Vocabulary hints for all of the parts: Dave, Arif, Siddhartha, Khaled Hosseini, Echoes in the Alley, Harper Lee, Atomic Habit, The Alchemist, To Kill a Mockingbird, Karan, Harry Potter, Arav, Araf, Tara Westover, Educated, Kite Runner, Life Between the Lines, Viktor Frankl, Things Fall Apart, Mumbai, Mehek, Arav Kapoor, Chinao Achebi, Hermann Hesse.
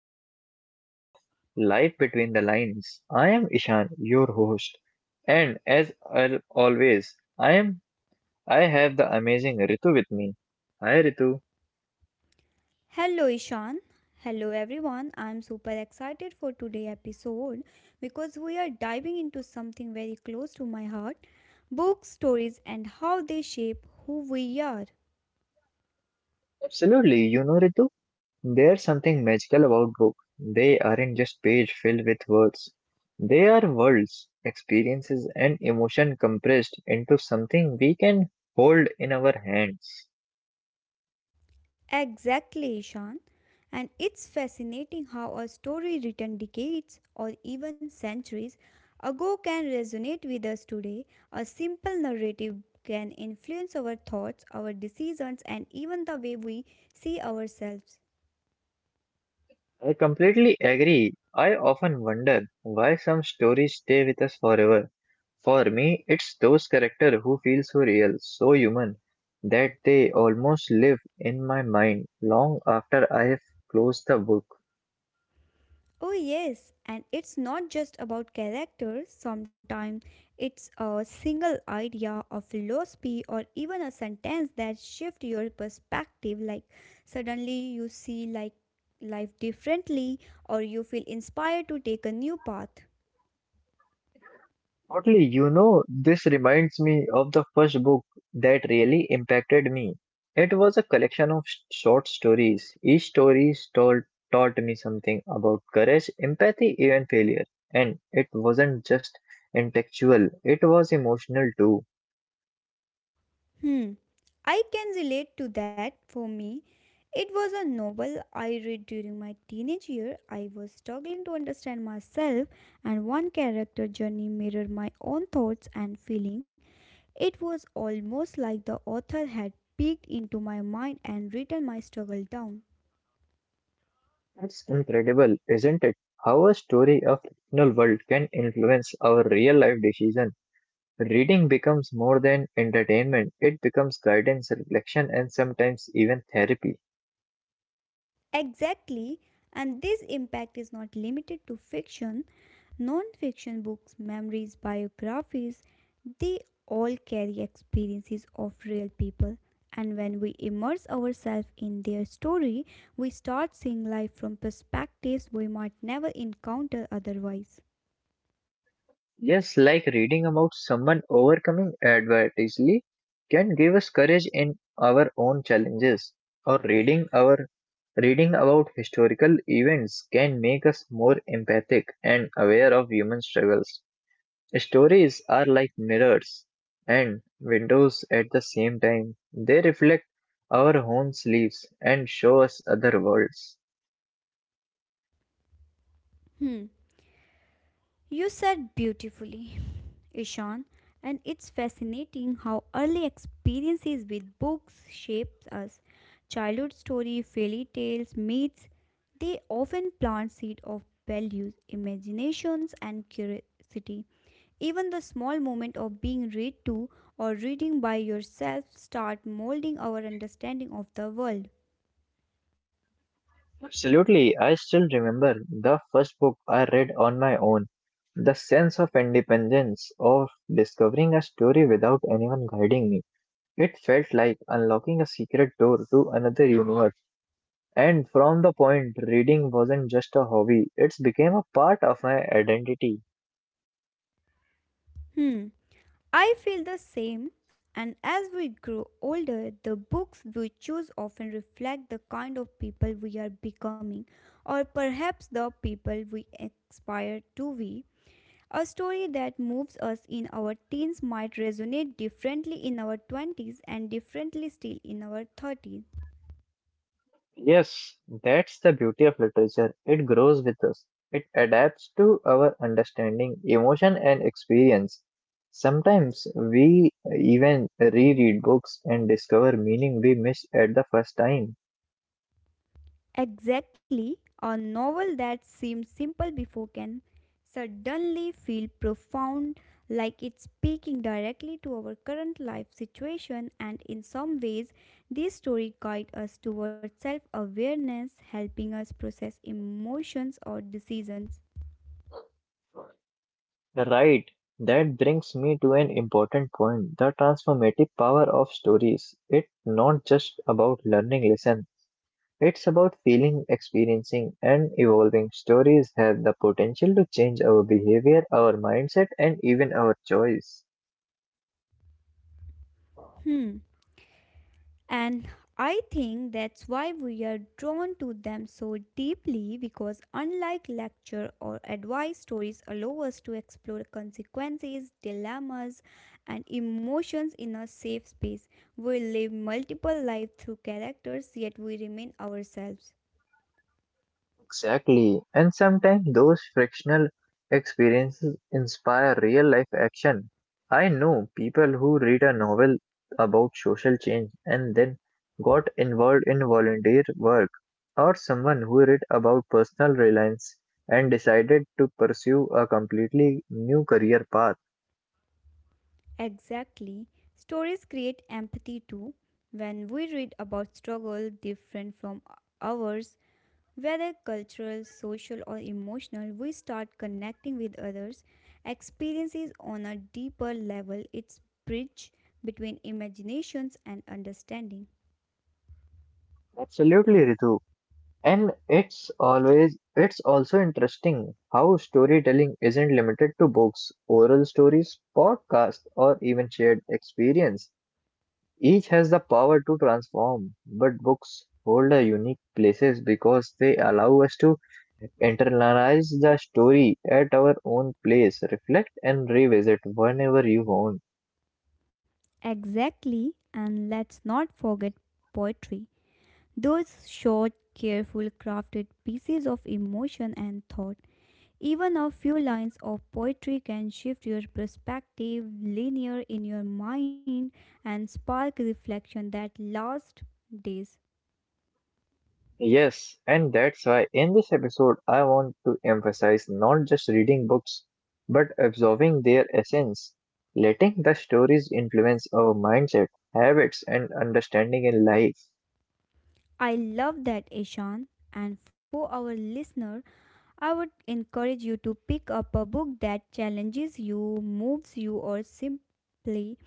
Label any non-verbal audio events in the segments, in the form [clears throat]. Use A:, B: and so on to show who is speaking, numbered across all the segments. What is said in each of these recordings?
A: another episode of Life Between the Lines. I am Ishan, your host, and as always, I have the amazing Ritu with me. Hi Ritu.
B: Hello Ishan. Hello everyone. I am super excited for today's episode because we are diving into something very close to my heart, book stories and how they shape who we are.
A: Absolutely, you know Ritu, there's something magical about books. They aren't just pages filled with words. They are worlds, experiences and emotion compressed into something we can hold in our hands.
B: Exactly, Ishan. And it's fascinating how a story written decades or even centuries ago can resonate with us today. A simple narrative can influence our thoughts, our decisions, and even the way we see ourselves.
A: I completely agree. I often wonder why some stories stay with us forever. For me, it's those characters who feel so real, so human, that they almost live in my mind long after I have closed the book.
B: Oh, yes, and it's not just about characters. Sometimes it's a single idea, a philosophy, or even a sentence that shifts your perspective, like suddenly you see, like, life differently or you feel inspired to take a new path.
A: Oddly, this reminds me of the first book that really impacted me. It was a collection of short stories. Each story taught me something about courage, empathy, even failure. And it wasn't just intellectual, it was emotional too.
B: Hmm. I can relate to that. For me, it was a novel I read during my teenage year. I was struggling to understand myself, and one character journey mirrored my own thoughts and feeling. It was almost like the author had peeked into my mind and written my struggle down.
A: It's incredible, isn't it? How a story of fictional world can influence our real life decision. Reading becomes more than entertainment, it becomes guidance, reflection, and sometimes even therapy.
B: Exactly, and this impact is not limited to fiction. Non-fiction books, memories, biographies, they all carry experiences of real people. And when we immerse ourselves in their story, we start seeing life from perspectives we might never encounter otherwise.
A: Yes, like reading about someone overcoming adversity can give us courage in our own challenges, or reading about historical events can make us more empathic and aware of human struggles. Stories are like mirrors and windows at the same time. They reflect our own lives and show us other worlds.
B: Hmm. You said beautifully, Ishan, and it's fascinating how early experiences with books shapes us. Childhood story, fairy tales, myths, they often plant seed of values, imaginations and curiosity. Even the small moment of being read to or reading by yourself start molding our understanding of the world.
A: Absolutely, I still remember the first book I read on my own. The sense of independence, of discovering a story without anyone guiding me. It felt like unlocking a secret door to another universe. And from the point, reading wasn't just a hobby, it became a part of my identity.
B: Hmm. I feel the same, and as we grow older, the books we choose often reflect the kind of people we are becoming, or perhaps the people we aspire to be. A story that moves us in our teens might resonate differently in our 20s and differently still in our 30s.
A: Yes, that's the beauty of literature. It grows with us. It adapts to our understanding, emotion, and experience. Sometimes we even reread books and discover meaning we missed at the first time.
B: Exactly, a novel that seems simple before can suddenly feel profound, like it's speaking directly to our current life situation, and in some ways, this story guides us towards self awareness, helping us process emotions or decisions.
A: Right. That brings me to an important point, the transformative power of stories. It's not just about learning lessons. It's about feeling, experiencing, and evolving. Stories have the potential to change our behavior, our mindset, and even our choice.
B: Hmm. And I think that's why we are drawn to them so deeply because, unlike lecture or advice, stories allow us to explore consequences, dilemmas, and emotions in a safe space. We live multiple lives through characters, yet we remain ourselves.
A: Exactly. And sometimes those frictional experiences inspire real life action. I know people who read a novel about social change and then got involved in volunteer work, or someone who read about personal reliance and decided to pursue a completely new career path.
B: Exactly. Stories create empathy too. When we read about struggle different from ours, whether cultural, social, or emotional, we start connecting with others' experiences on a deeper level. It's bridge between imaginations and understanding.
A: Absolutely, Ritu. And it's also interesting how storytelling isn't limited to books, oral stories, podcasts, or even shared experience. Each has the power to transform, but books hold a unique places because they allow us to internalize the story at our own place, reflect and revisit whenever you want.
B: Exactly, and let's not forget poetry. Those short, careful, crafted pieces of emotion and thought. Even a few lines of poetry can shift your perspective linear in your mind and spark reflection that lasts days.
A: Yes, and that's why in this episode I want to emphasize not just reading books, but absorbing their essence, letting the stories influence our mindset, habits, and understanding in life.
B: I love that, Ishan. And for our listener, I would encourage you to pick up a book that challenges you, moves you, or simply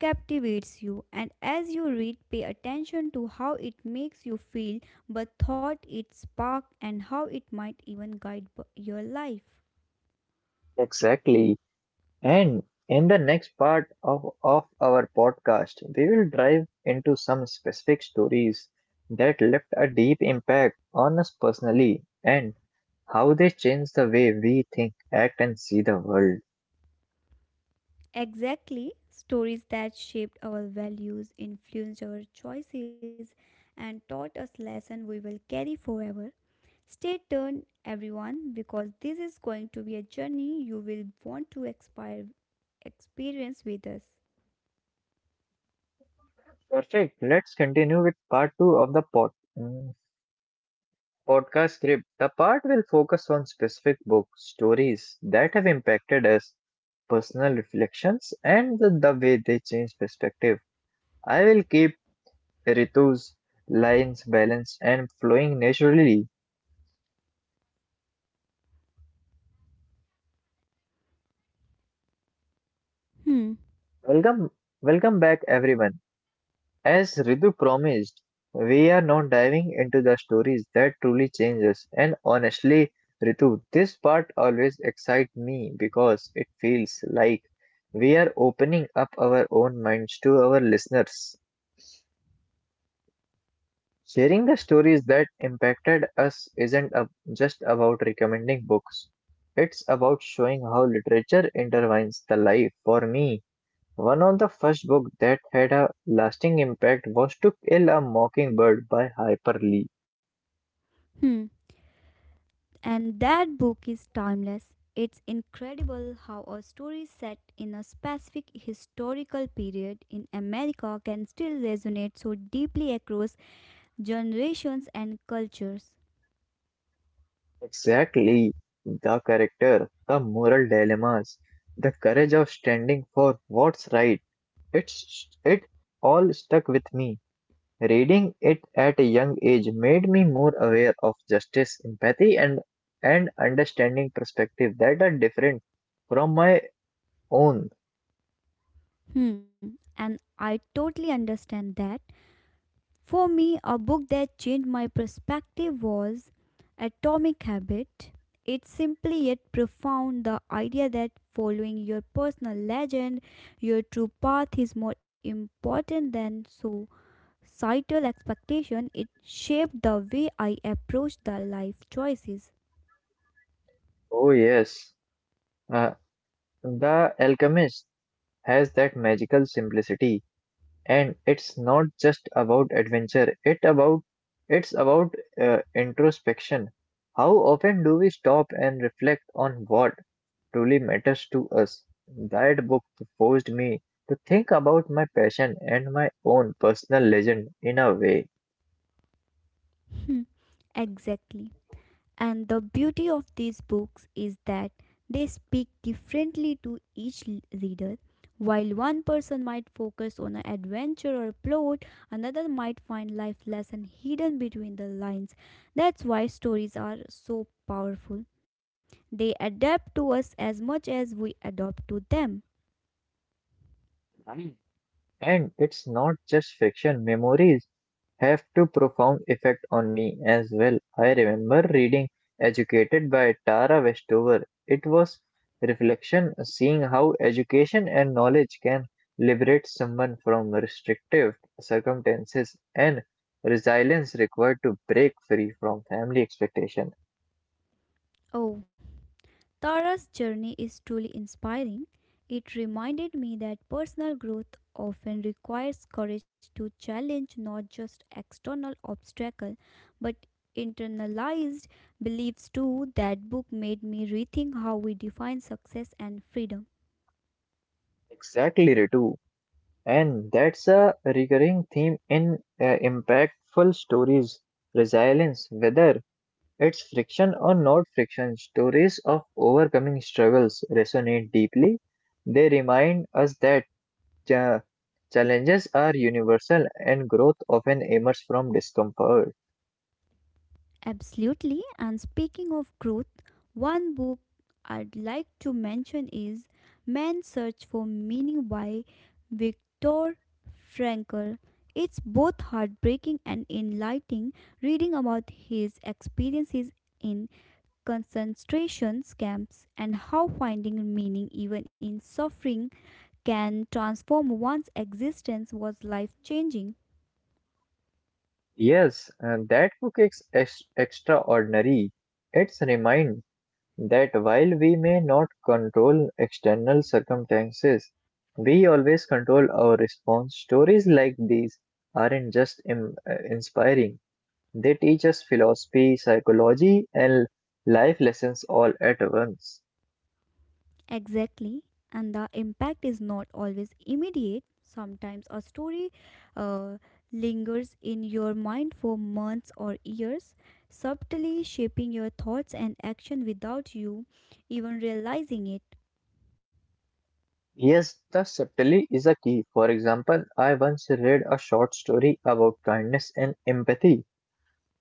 B: captivates you. And as you read, pay attention to how it makes you feel, the thought it sparked, and how it might even guide your life.
A: Exactly. And in the next part of our podcast, we will dive into some specific stories that left a deep impact on us personally and how they change the way we think, act, and see the world.
B: Exactly, stories that shaped our values, influenced our choices, and taught us lessons we will carry forever. Stay tuned, everyone, because this is going to be a journey you will want to experience with us.
A: Perfect. Let's continue with part two of the mm, podcast script. The part will focus on specific books, stories that have impacted us, personal reflections, and the way they change perspective. I will keep Ritu's lines balanced and flowing naturally.
B: Hmm,
A: Welcome, welcome back, everyone. As Ritu promised, we are now diving into the stories that truly change us. And honestly, Ritu, this part always excites me because it feels like we are opening up our own minds to our listeners. Sharing the stories that impacted us isn't just about recommending books, it's about showing how literature intertwines the life. For me, one of the first books that had a lasting impact was To Kill a Mockingbird by Harper Lee.
B: hmm. And that book is timeless. It's incredible how a story set in a specific historical period in America can still resonate so deeply across generations and cultures.
A: Exactly, the character, the moral dilemmas, the courage of standing for what's right. It all stuck with me. Reading it at a young age made me more aware of justice, empathy, and understanding perspective that are different from my own.
B: Hmm, and I totally understand that. For me, a book that changed my perspective was Atomic Habit. It's simply yet profound, the idea that following your personal legend, your true path is more important than societal expectation. It shaped the way I approach the life choices.
A: Oh yes, uh, The Alchemist has that magical simplicity, and it's not just about adventure, it's about introspection. How often do we stop and reflect on what truly matters to us? That book forced me to think about my passion and my own personal legend in a way.
B: [laughs] Exactly. And the beauty of these books is that they speak differently to each reader. While one person might focus on an adventure or plot, another might find life lesson hidden between the lines. That's why stories are so powerful. They adapt to us as much as we adapt to them.
A: And it's not just fiction, memories have to profound effect on me as well. I remember reading Educated by Tara Westover. It was reflection seeing how education and knowledge can liberate someone from restrictive circumstances and resilience required to break free from family expectation.
B: Oh, Tara's journey is truly inspiring. It reminded me that personal growth often requires courage to challenge not just external obstacles, but internalized beliefs too. That book made me rethink how we define success and freedom.
A: Exactly, Ritu. And that's a recurring theme in impactful stories, resilience, whether its friction or not friction, stories of overcoming struggles resonate deeply. They remind us that cha- challenges are universal and growth often emerges from discomfort.
B: Absolutely. And speaking of growth, one book I'd like to mention is Man's Search for Meaning by Viktor Frankl. It's both heartbreaking and enlightening, reading about his experiences in concentration camps and how finding meaning even in suffering can transform one's existence was life changing.
A: Yes, and that book is extraordinary. It's a remind that while we may not control external circumstances, we always control our response. Stories like these aren't just inspiring. They teach us philosophy, psychology, and life lessons all at once.
B: Exactly, and the impact is not always immediate. Sometimes a story uh, lingers in your mind for months or years, subtly shaping your thoughts and action without you even realizing it.
A: Yes, the subtlety is a key. For example, I once read a short story about kindness and empathy,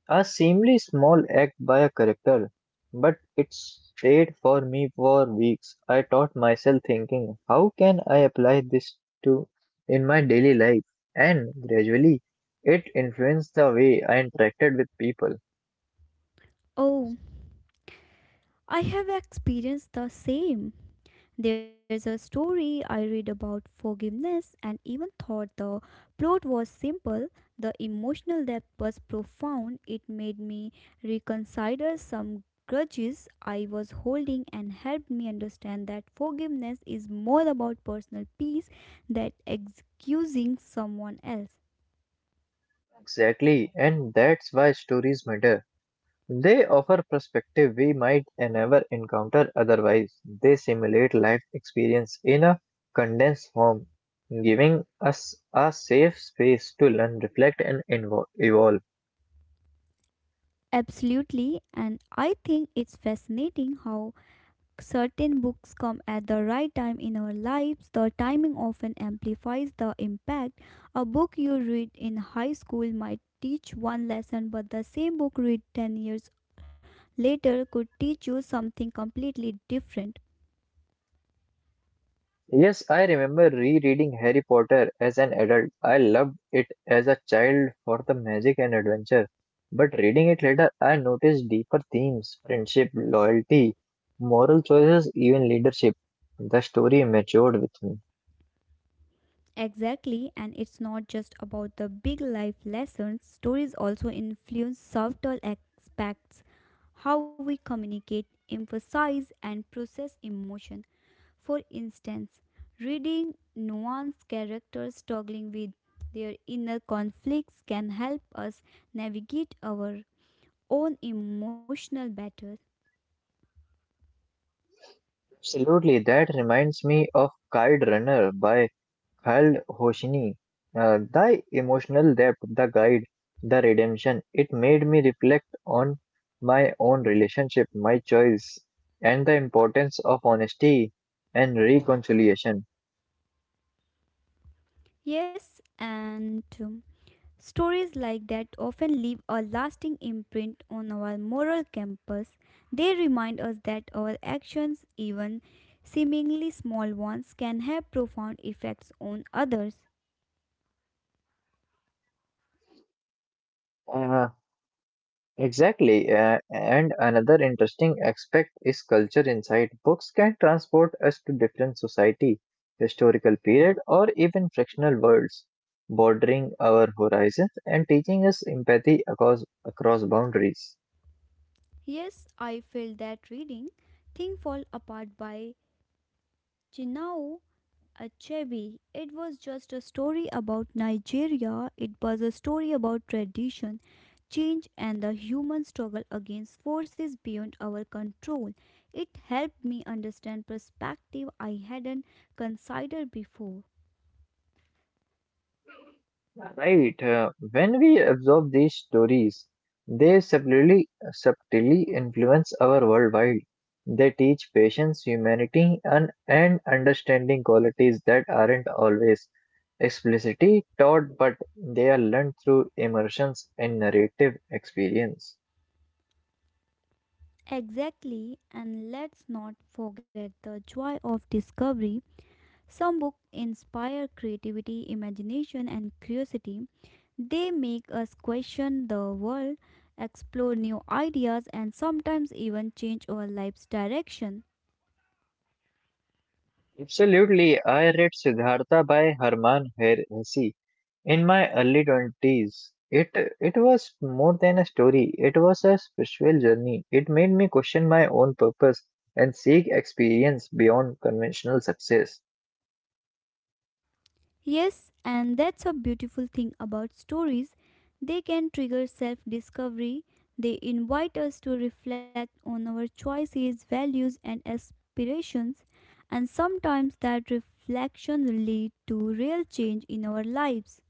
A: a seemingly small act by a character, but it stayed for me for weeks. I taught myself thinking, how can I apply this to in my daily life? And gradually, it influenced the way I interacted with people.
B: Oh, I have experienced the same. There's a story I read about forgiveness and even thought the plot was simple. The emotional depth was profound. It made me reconsider some grudges I was holding and helped me understand that forgiveness is more about personal peace than excusing someone else.
A: Exactly, and that's why stories matter. They offer perspective we might never encounter otherwise. They simulate life experience in a condensed form, giving us a safe space to learn, reflect, and evolve.
B: Absolutely, and I think it's fascinating how certain books come at the right time in our lives, the timing often amplifies the impact. A book you read in high school might teach one lesson, but the same book read 10 years later could teach you something completely different.
A: Yes, I remember rereading Harry Potter as an adult. I loved it as a child for the magic and adventure. But reading it later, I noticed deeper themes, friendship, loyalty, moral choices, even leadership. The story matured with me.
B: Exactly, and it's not just about the big life lessons, stories also influence subtle aspects, how we communicate, emphasize, and process emotion. For instance, reading nuanced characters struggling with their inner conflicts can help us navigate our own emotional battle.
A: Absolutely, that reminds me of Kite Runner by Child Hoshini. The emotional depth, the guide, the redemption, it made me reflect on my own relationship, my choice, and the importance of honesty and reconciliation.
B: Yes, and stories like that often leave a lasting imprint on our moral compass. They remind us that our actions, even seemingly small ones, can have profound effects on others.
A: Uh, exactly. And another interesting aspect is culture insight. Books can transport us to different society, historical period, or even fractional worlds, bordering our horizons and teaching us empathy across boundaries.
B: Yes, I felt that reading Thing Fall Apart by Chinao Achebi, it was just a story about Nigeria. It was a story about tradition, change, and the human struggle against forces beyond our control. It helped me understand perspective I hadn't considered before.
A: Right. When we absorb these stories, they subtly influence our worldwide. They teach patience, humanity, and understanding qualities that aren't always explicitly taught, but they are learned through immersions in narrative experience.
B: Exactly, and let's not forget the joy of discovery. Some books inspire creativity, imagination, and curiosity. They make us question the world, explore new ideas, and sometimes even change our life's direction.
A: Absolutely, I read Siddhartha by Hermann Hesse in my early 20s. It was more than a story, it was a spiritual journey. It made me question my own purpose and seek experience beyond conventional success.
B: Yes, and that's a beautiful thing about stories. They can trigger self discovery. They invite us to reflect on our choices, values, and aspirations, and sometimes that reflection leads to real change in our lives.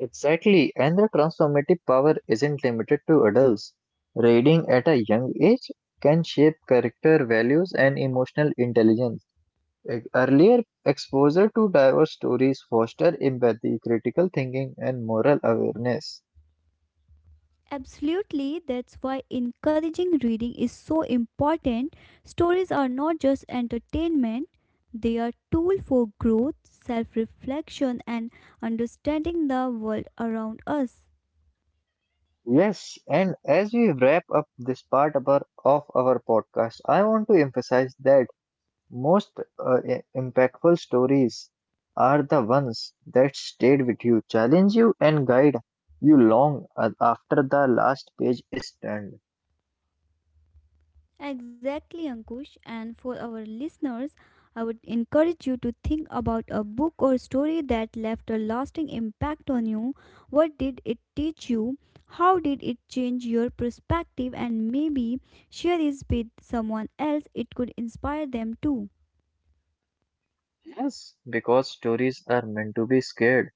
A: Exactly, and the transformative power isn't limited to adults. Reading at a young age can shape character, values, and emotional intelligence. Earlier exposure to diverse stories foster empathy, critical thinking, and moral awareness.
B: Absolutely, that's why encouraging reading is so important. Stories are not just entertainment, they are tool for growth, self-reflection and understanding the world around us.
A: Yes, and as we wrap up this part of of our podcast, I want to emphasize that most impactful stories are the ones that stayed with you, challenge you, and guide you long after the last page is turned.
B: Exactly, Ankush. And for our listeners, I would encourage you to think about a book or story that left a lasting impact on you. What did it teach you? How did it change your perspective? And maybe share this with someone else. It could inspire them too.
A: Yes, because stories are meant to be scared.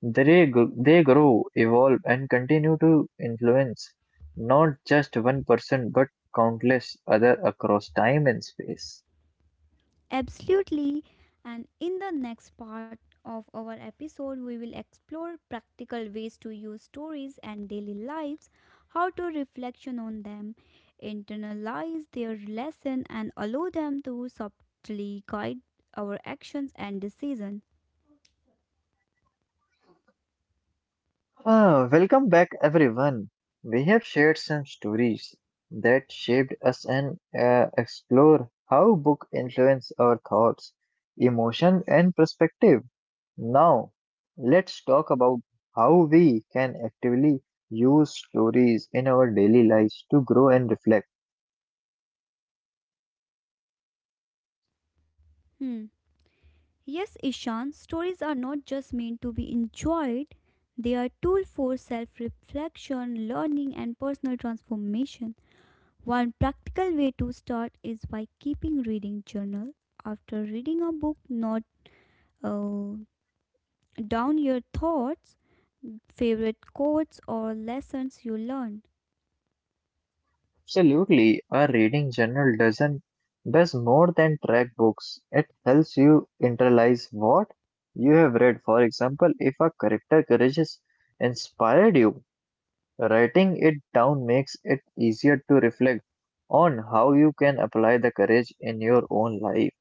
A: They grow, evolve, and continue to influence not just one person but countless other across time and space.
B: Absolutely. And in the next part of our episode, we will explore practical ways to use stories and daily lives, how to reflection on them, internalize their lesson, and allow them to subtly guide our actions and decisions.
A: Welcome back, everyone. We have shared some stories that shaped us and explore how book influence our thoughts, emotion, and perspective. Now, let's talk about how we can actively use stories in our daily lives to grow and reflect.
B: Hmm. Yes, Ishan, stories are not just meant to be enjoyed. They are tool for self-reflection, learning, and personal transformation. One practical way to start is by keeping reading journal. After reading a book, note uh, down your thoughts, favorite quotes or lessons you learned.
A: Absolutely, a reading journal doesn't does more than track books. It helps you internalize what you have read. For example, if a character courageous inspired you, writing it down makes it easier to reflect on how you can apply the courage in your own life.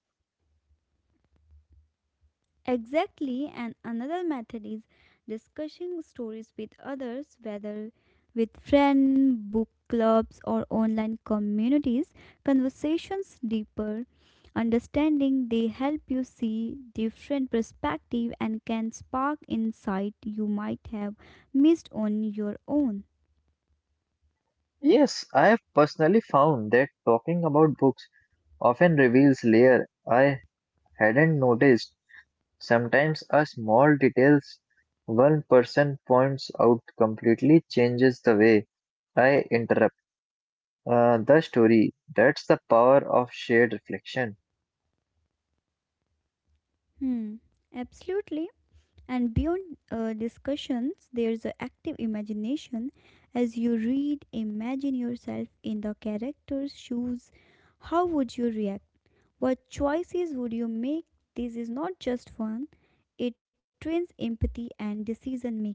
B: Exactly, and another method is discussing stories with others, whether with friends, book clubs, or online communities. Conversations deeper understanding, they help you see different perspective and can spark insight you might have missed on your own.
A: Yes, I have personally found that talking about books often reveals layer I hadn't noticed. Sometimes a small detail one person points out completely changes the way I interrupt the story. That's the power of shared reflection.
B: Hmm, absolutely. And beyond discussions, there's an active imagination. As you read, imagine yourself in the character's shoes. How would you react? What choices would you make? This is not just fun, it trains empathy and decision making.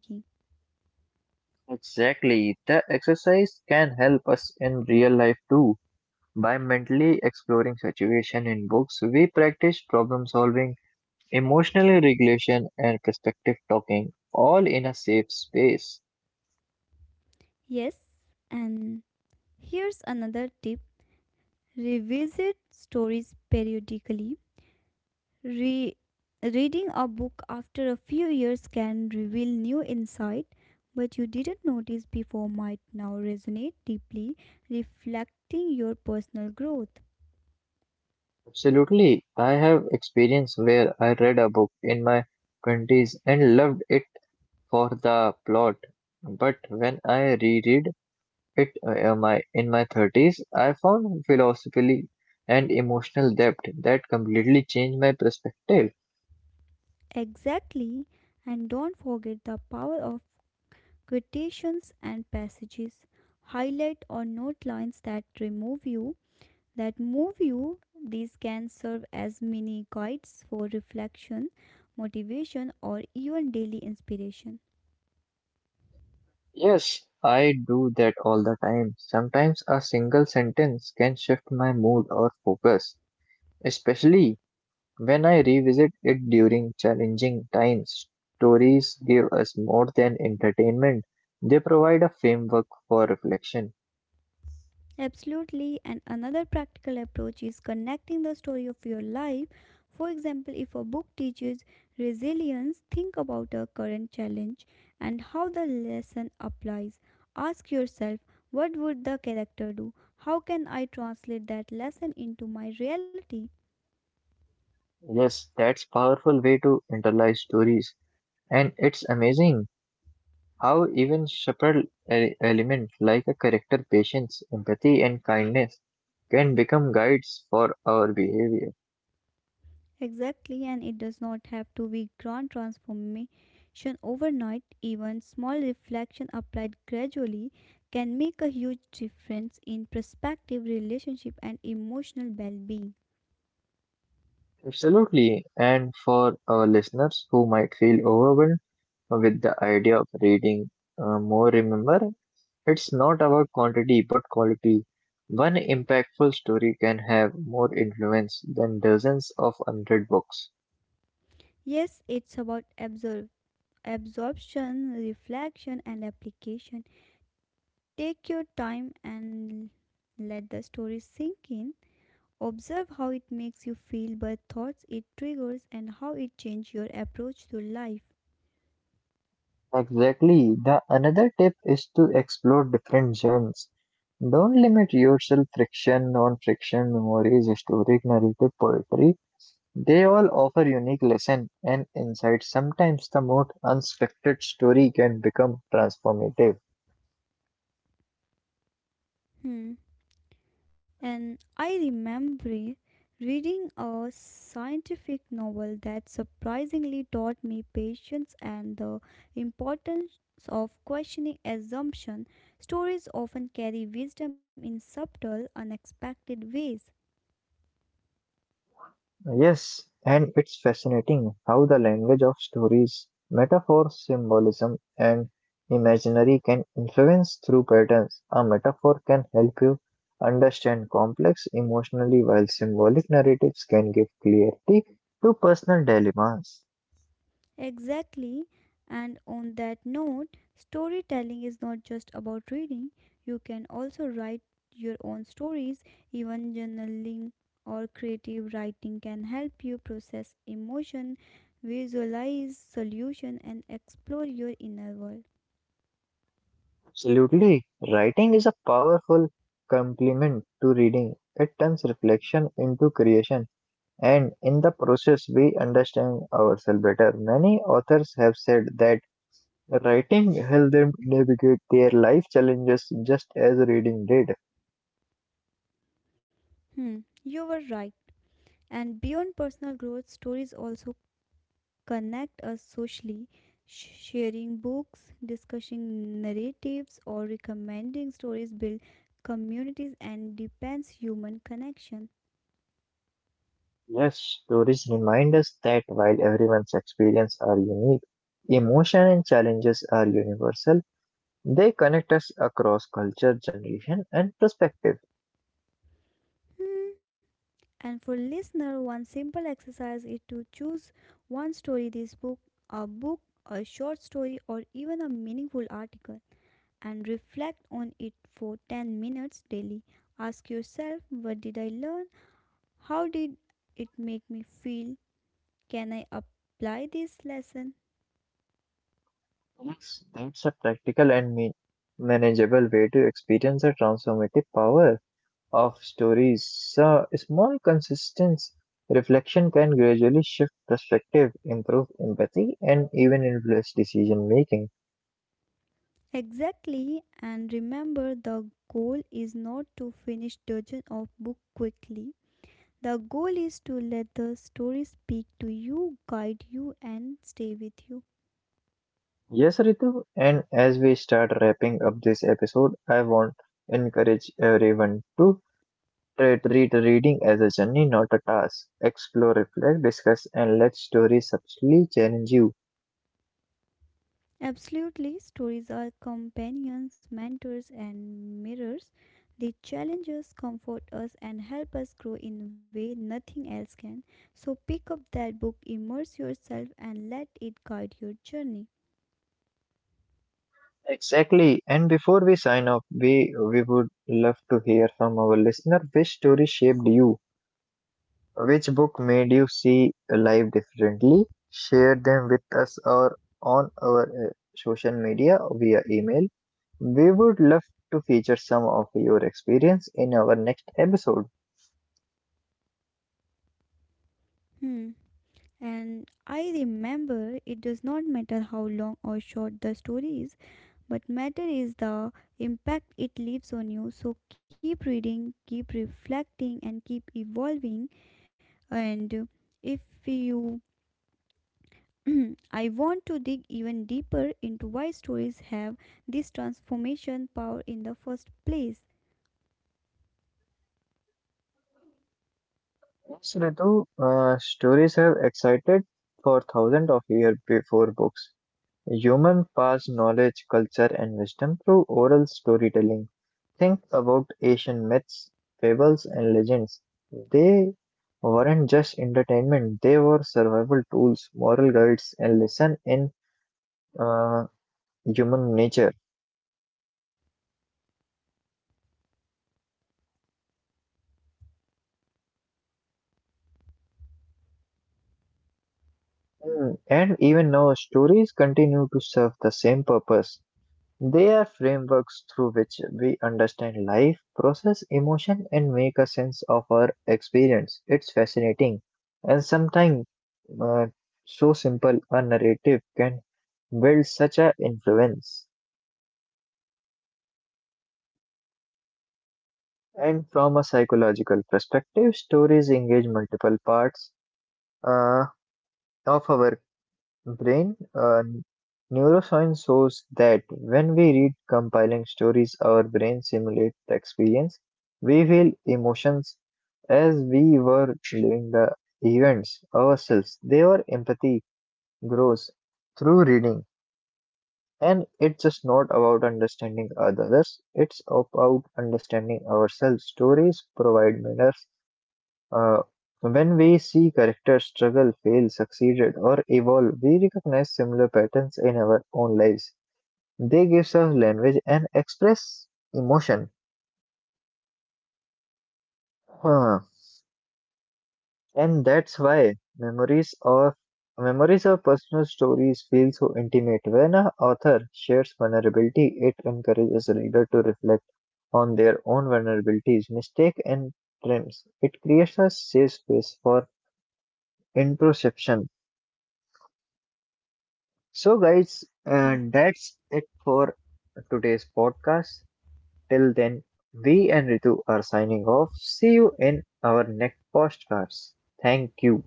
A: Exactly. The exercise can help us in real life too. By mentally exploring situation in books, we practice problem solving, emotional regulation and perspective talking all in a safe space.
B: Yes, and here's another tip, revisit stories periodically. Re- reading a book after a few years can reveal new insight but you didn't notice before might now resonate deeply, reflecting your personal growth.
A: Absolutely. I have experience where I read a book in my 20s and loved it for the plot. But when I reread it in my 30s, I found philosophically and emotional depth that completely changed my perspective.
B: Exactly, and don't forget the power of quotations and passages. Highlight or note lines that move you. These can serve as mini guides for reflection, motivation, or even daily inspiration.
A: Yes, I do that all the time. Sometimes a single sentence can shift my mood or focus, especially when I revisit it during challenging times. Stories give us more than entertainment. They provide a framework for reflection.
B: Absolutely, and another practical approach is connecting the story of your life. For example, if a book teaches resilience, think about a current challenge and how the lesson applies. Ask yourself, what would the character do? How can I translate that lesson into my reality?
A: Yes, that's powerful way to internalize stories. And it's amazing how even subtle elements like a character patience, empathy and kindness can become guides for our behavior.
B: Exactly, and it does not have to be grand transformation overnight. Even small reflection applied gradually can make a huge difference in perspective, relationship, and emotional well being.
A: Absolutely. And for our listeners who might feel overwhelmed with the idea of reading more, remember, it's not about quantity but quality. One impactful story can have more influence than dozens of hundred books.
B: Yes, it's about absorption, reflection, and application. Take your time and let the story sink in. Observe how it makes you feel, what thoughts it triggers, and how it changes your approach to life.
A: Exactly. The another tip is to explore different genres. Don't limit yourself, friction, non-friction, memories, historic, narrative, poetry. They all offer unique lesson and insight. Sometimes the most unexpected story can become transformative.
B: Hmm. And I remember reading a scientific novel that surprisingly taught me patience and the importance of questioning assumption. Stories often carry wisdom in subtle, unexpected ways.
A: Yes, and it's fascinating how the language of stories, metaphor, symbolism, and imaginary can influence through patterns. A metaphor can help you understand complex emotionally, while symbolic narratives can give clarity to personal dilemmas.
B: Exactly. And on that note, storytelling is not just about reading. You can also write your own stories. Even journaling or creative writing can help you process emotion, visualize solution and explore your inner world.
A: Absolutely, writing is a powerful complement to reading. It turns reflection into creation, and in the process, we understand ourselves better. Many authors have said that. Writing helped them navigate their life challenges just as reading did.
B: Hmm, you were right. And beyond personal growth, stories also connect us socially. Sharing books, discussing narratives, or recommending stories build communities and deepens human connection.
A: Yes, stories remind us that while everyone's experience are unique, emotion and challenges are universal. They connect us across culture, generation, and perspective.
B: Hmm. And for listener, one simple exercise is to choose one story this book, a book, a short story, or even a meaningful article, and reflect on it for 10 minutes daily. Ask yourself, what did I learn? How did it make me feel? Can I apply this lesson?
A: Yes, that's a practical and manageable way to experience the transformative power of stories, so small consistent reflection can gradually shift perspective, improve empathy, and even influence decision making.
B: Exactly, and remember the goal is not to finish dozen of book quickly. The goal is to let the story speak to you, guide you and stay with you.
A: Yes, Ritu, and as we start wrapping up this episode, I want to encourage everyone to treat reading as a journey, not a task. Explore, reflect, discuss, and let stories subtly challenge you.
B: Absolutely, stories are companions, mentors and mirrors. They challenge us, comfort us and help us grow in a way nothing else can. So pick up that book, immerse yourself and let it guide your journey.
A: Exactly. And before we sign off, we would love to hear from our listener which story shaped you. Which book made you see life differently? Share them with us or on our social media via email. We would love to feature some of your experience in our next episode.
B: Hmm. And I remember it does not matter how long or short the story is, but matter is the impact it leaves on you. So keep reading, keep reflecting, and keep evolving. And if you [clears throat] I want to dig even deeper into why stories have this transformation power in the first place.
A: Yes, Ritu, stories have excited for thousands of years before books. Humans pass knowledge, culture, and wisdom through oral storytelling. Think about Asian myths, fables, and legends. They weren't just entertainment, they were survival tools, moral guides, and lesson in uh, human nature. And even now, stories continue to serve the same purpose. They are frameworks through which we understand life, process emotion, and make a sense of our experience. It's fascinating. And sometimes, uh, so simple a narrative can build such an influence. And from a psychological perspective, stories engage multiple parts uh, of our brain. Neuroscience shows that when we read compiling stories, our brain simulates the experience. We feel emotions as we were living the events ourselves. Their empathy grows through reading, and it's just not about understanding others, it's about understanding ourselves. Stories provide manners. uh, when we see characters struggle, fail, succeeded, or evolve, we recognize similar patterns in our own lives. They give us language and express emotion. Huh. And that's why memories of personal stories feel so intimate. When an author shares vulnerability, it encourages a reader to reflect on their own vulnerabilities, mistakes, and triumphs. It creates a safe space for introspection. So, guys,
B: [clears throat]
A: and that's it for today's podcast. Till then, we and Ritu are signing off. See you in our next podcasts. Thank you.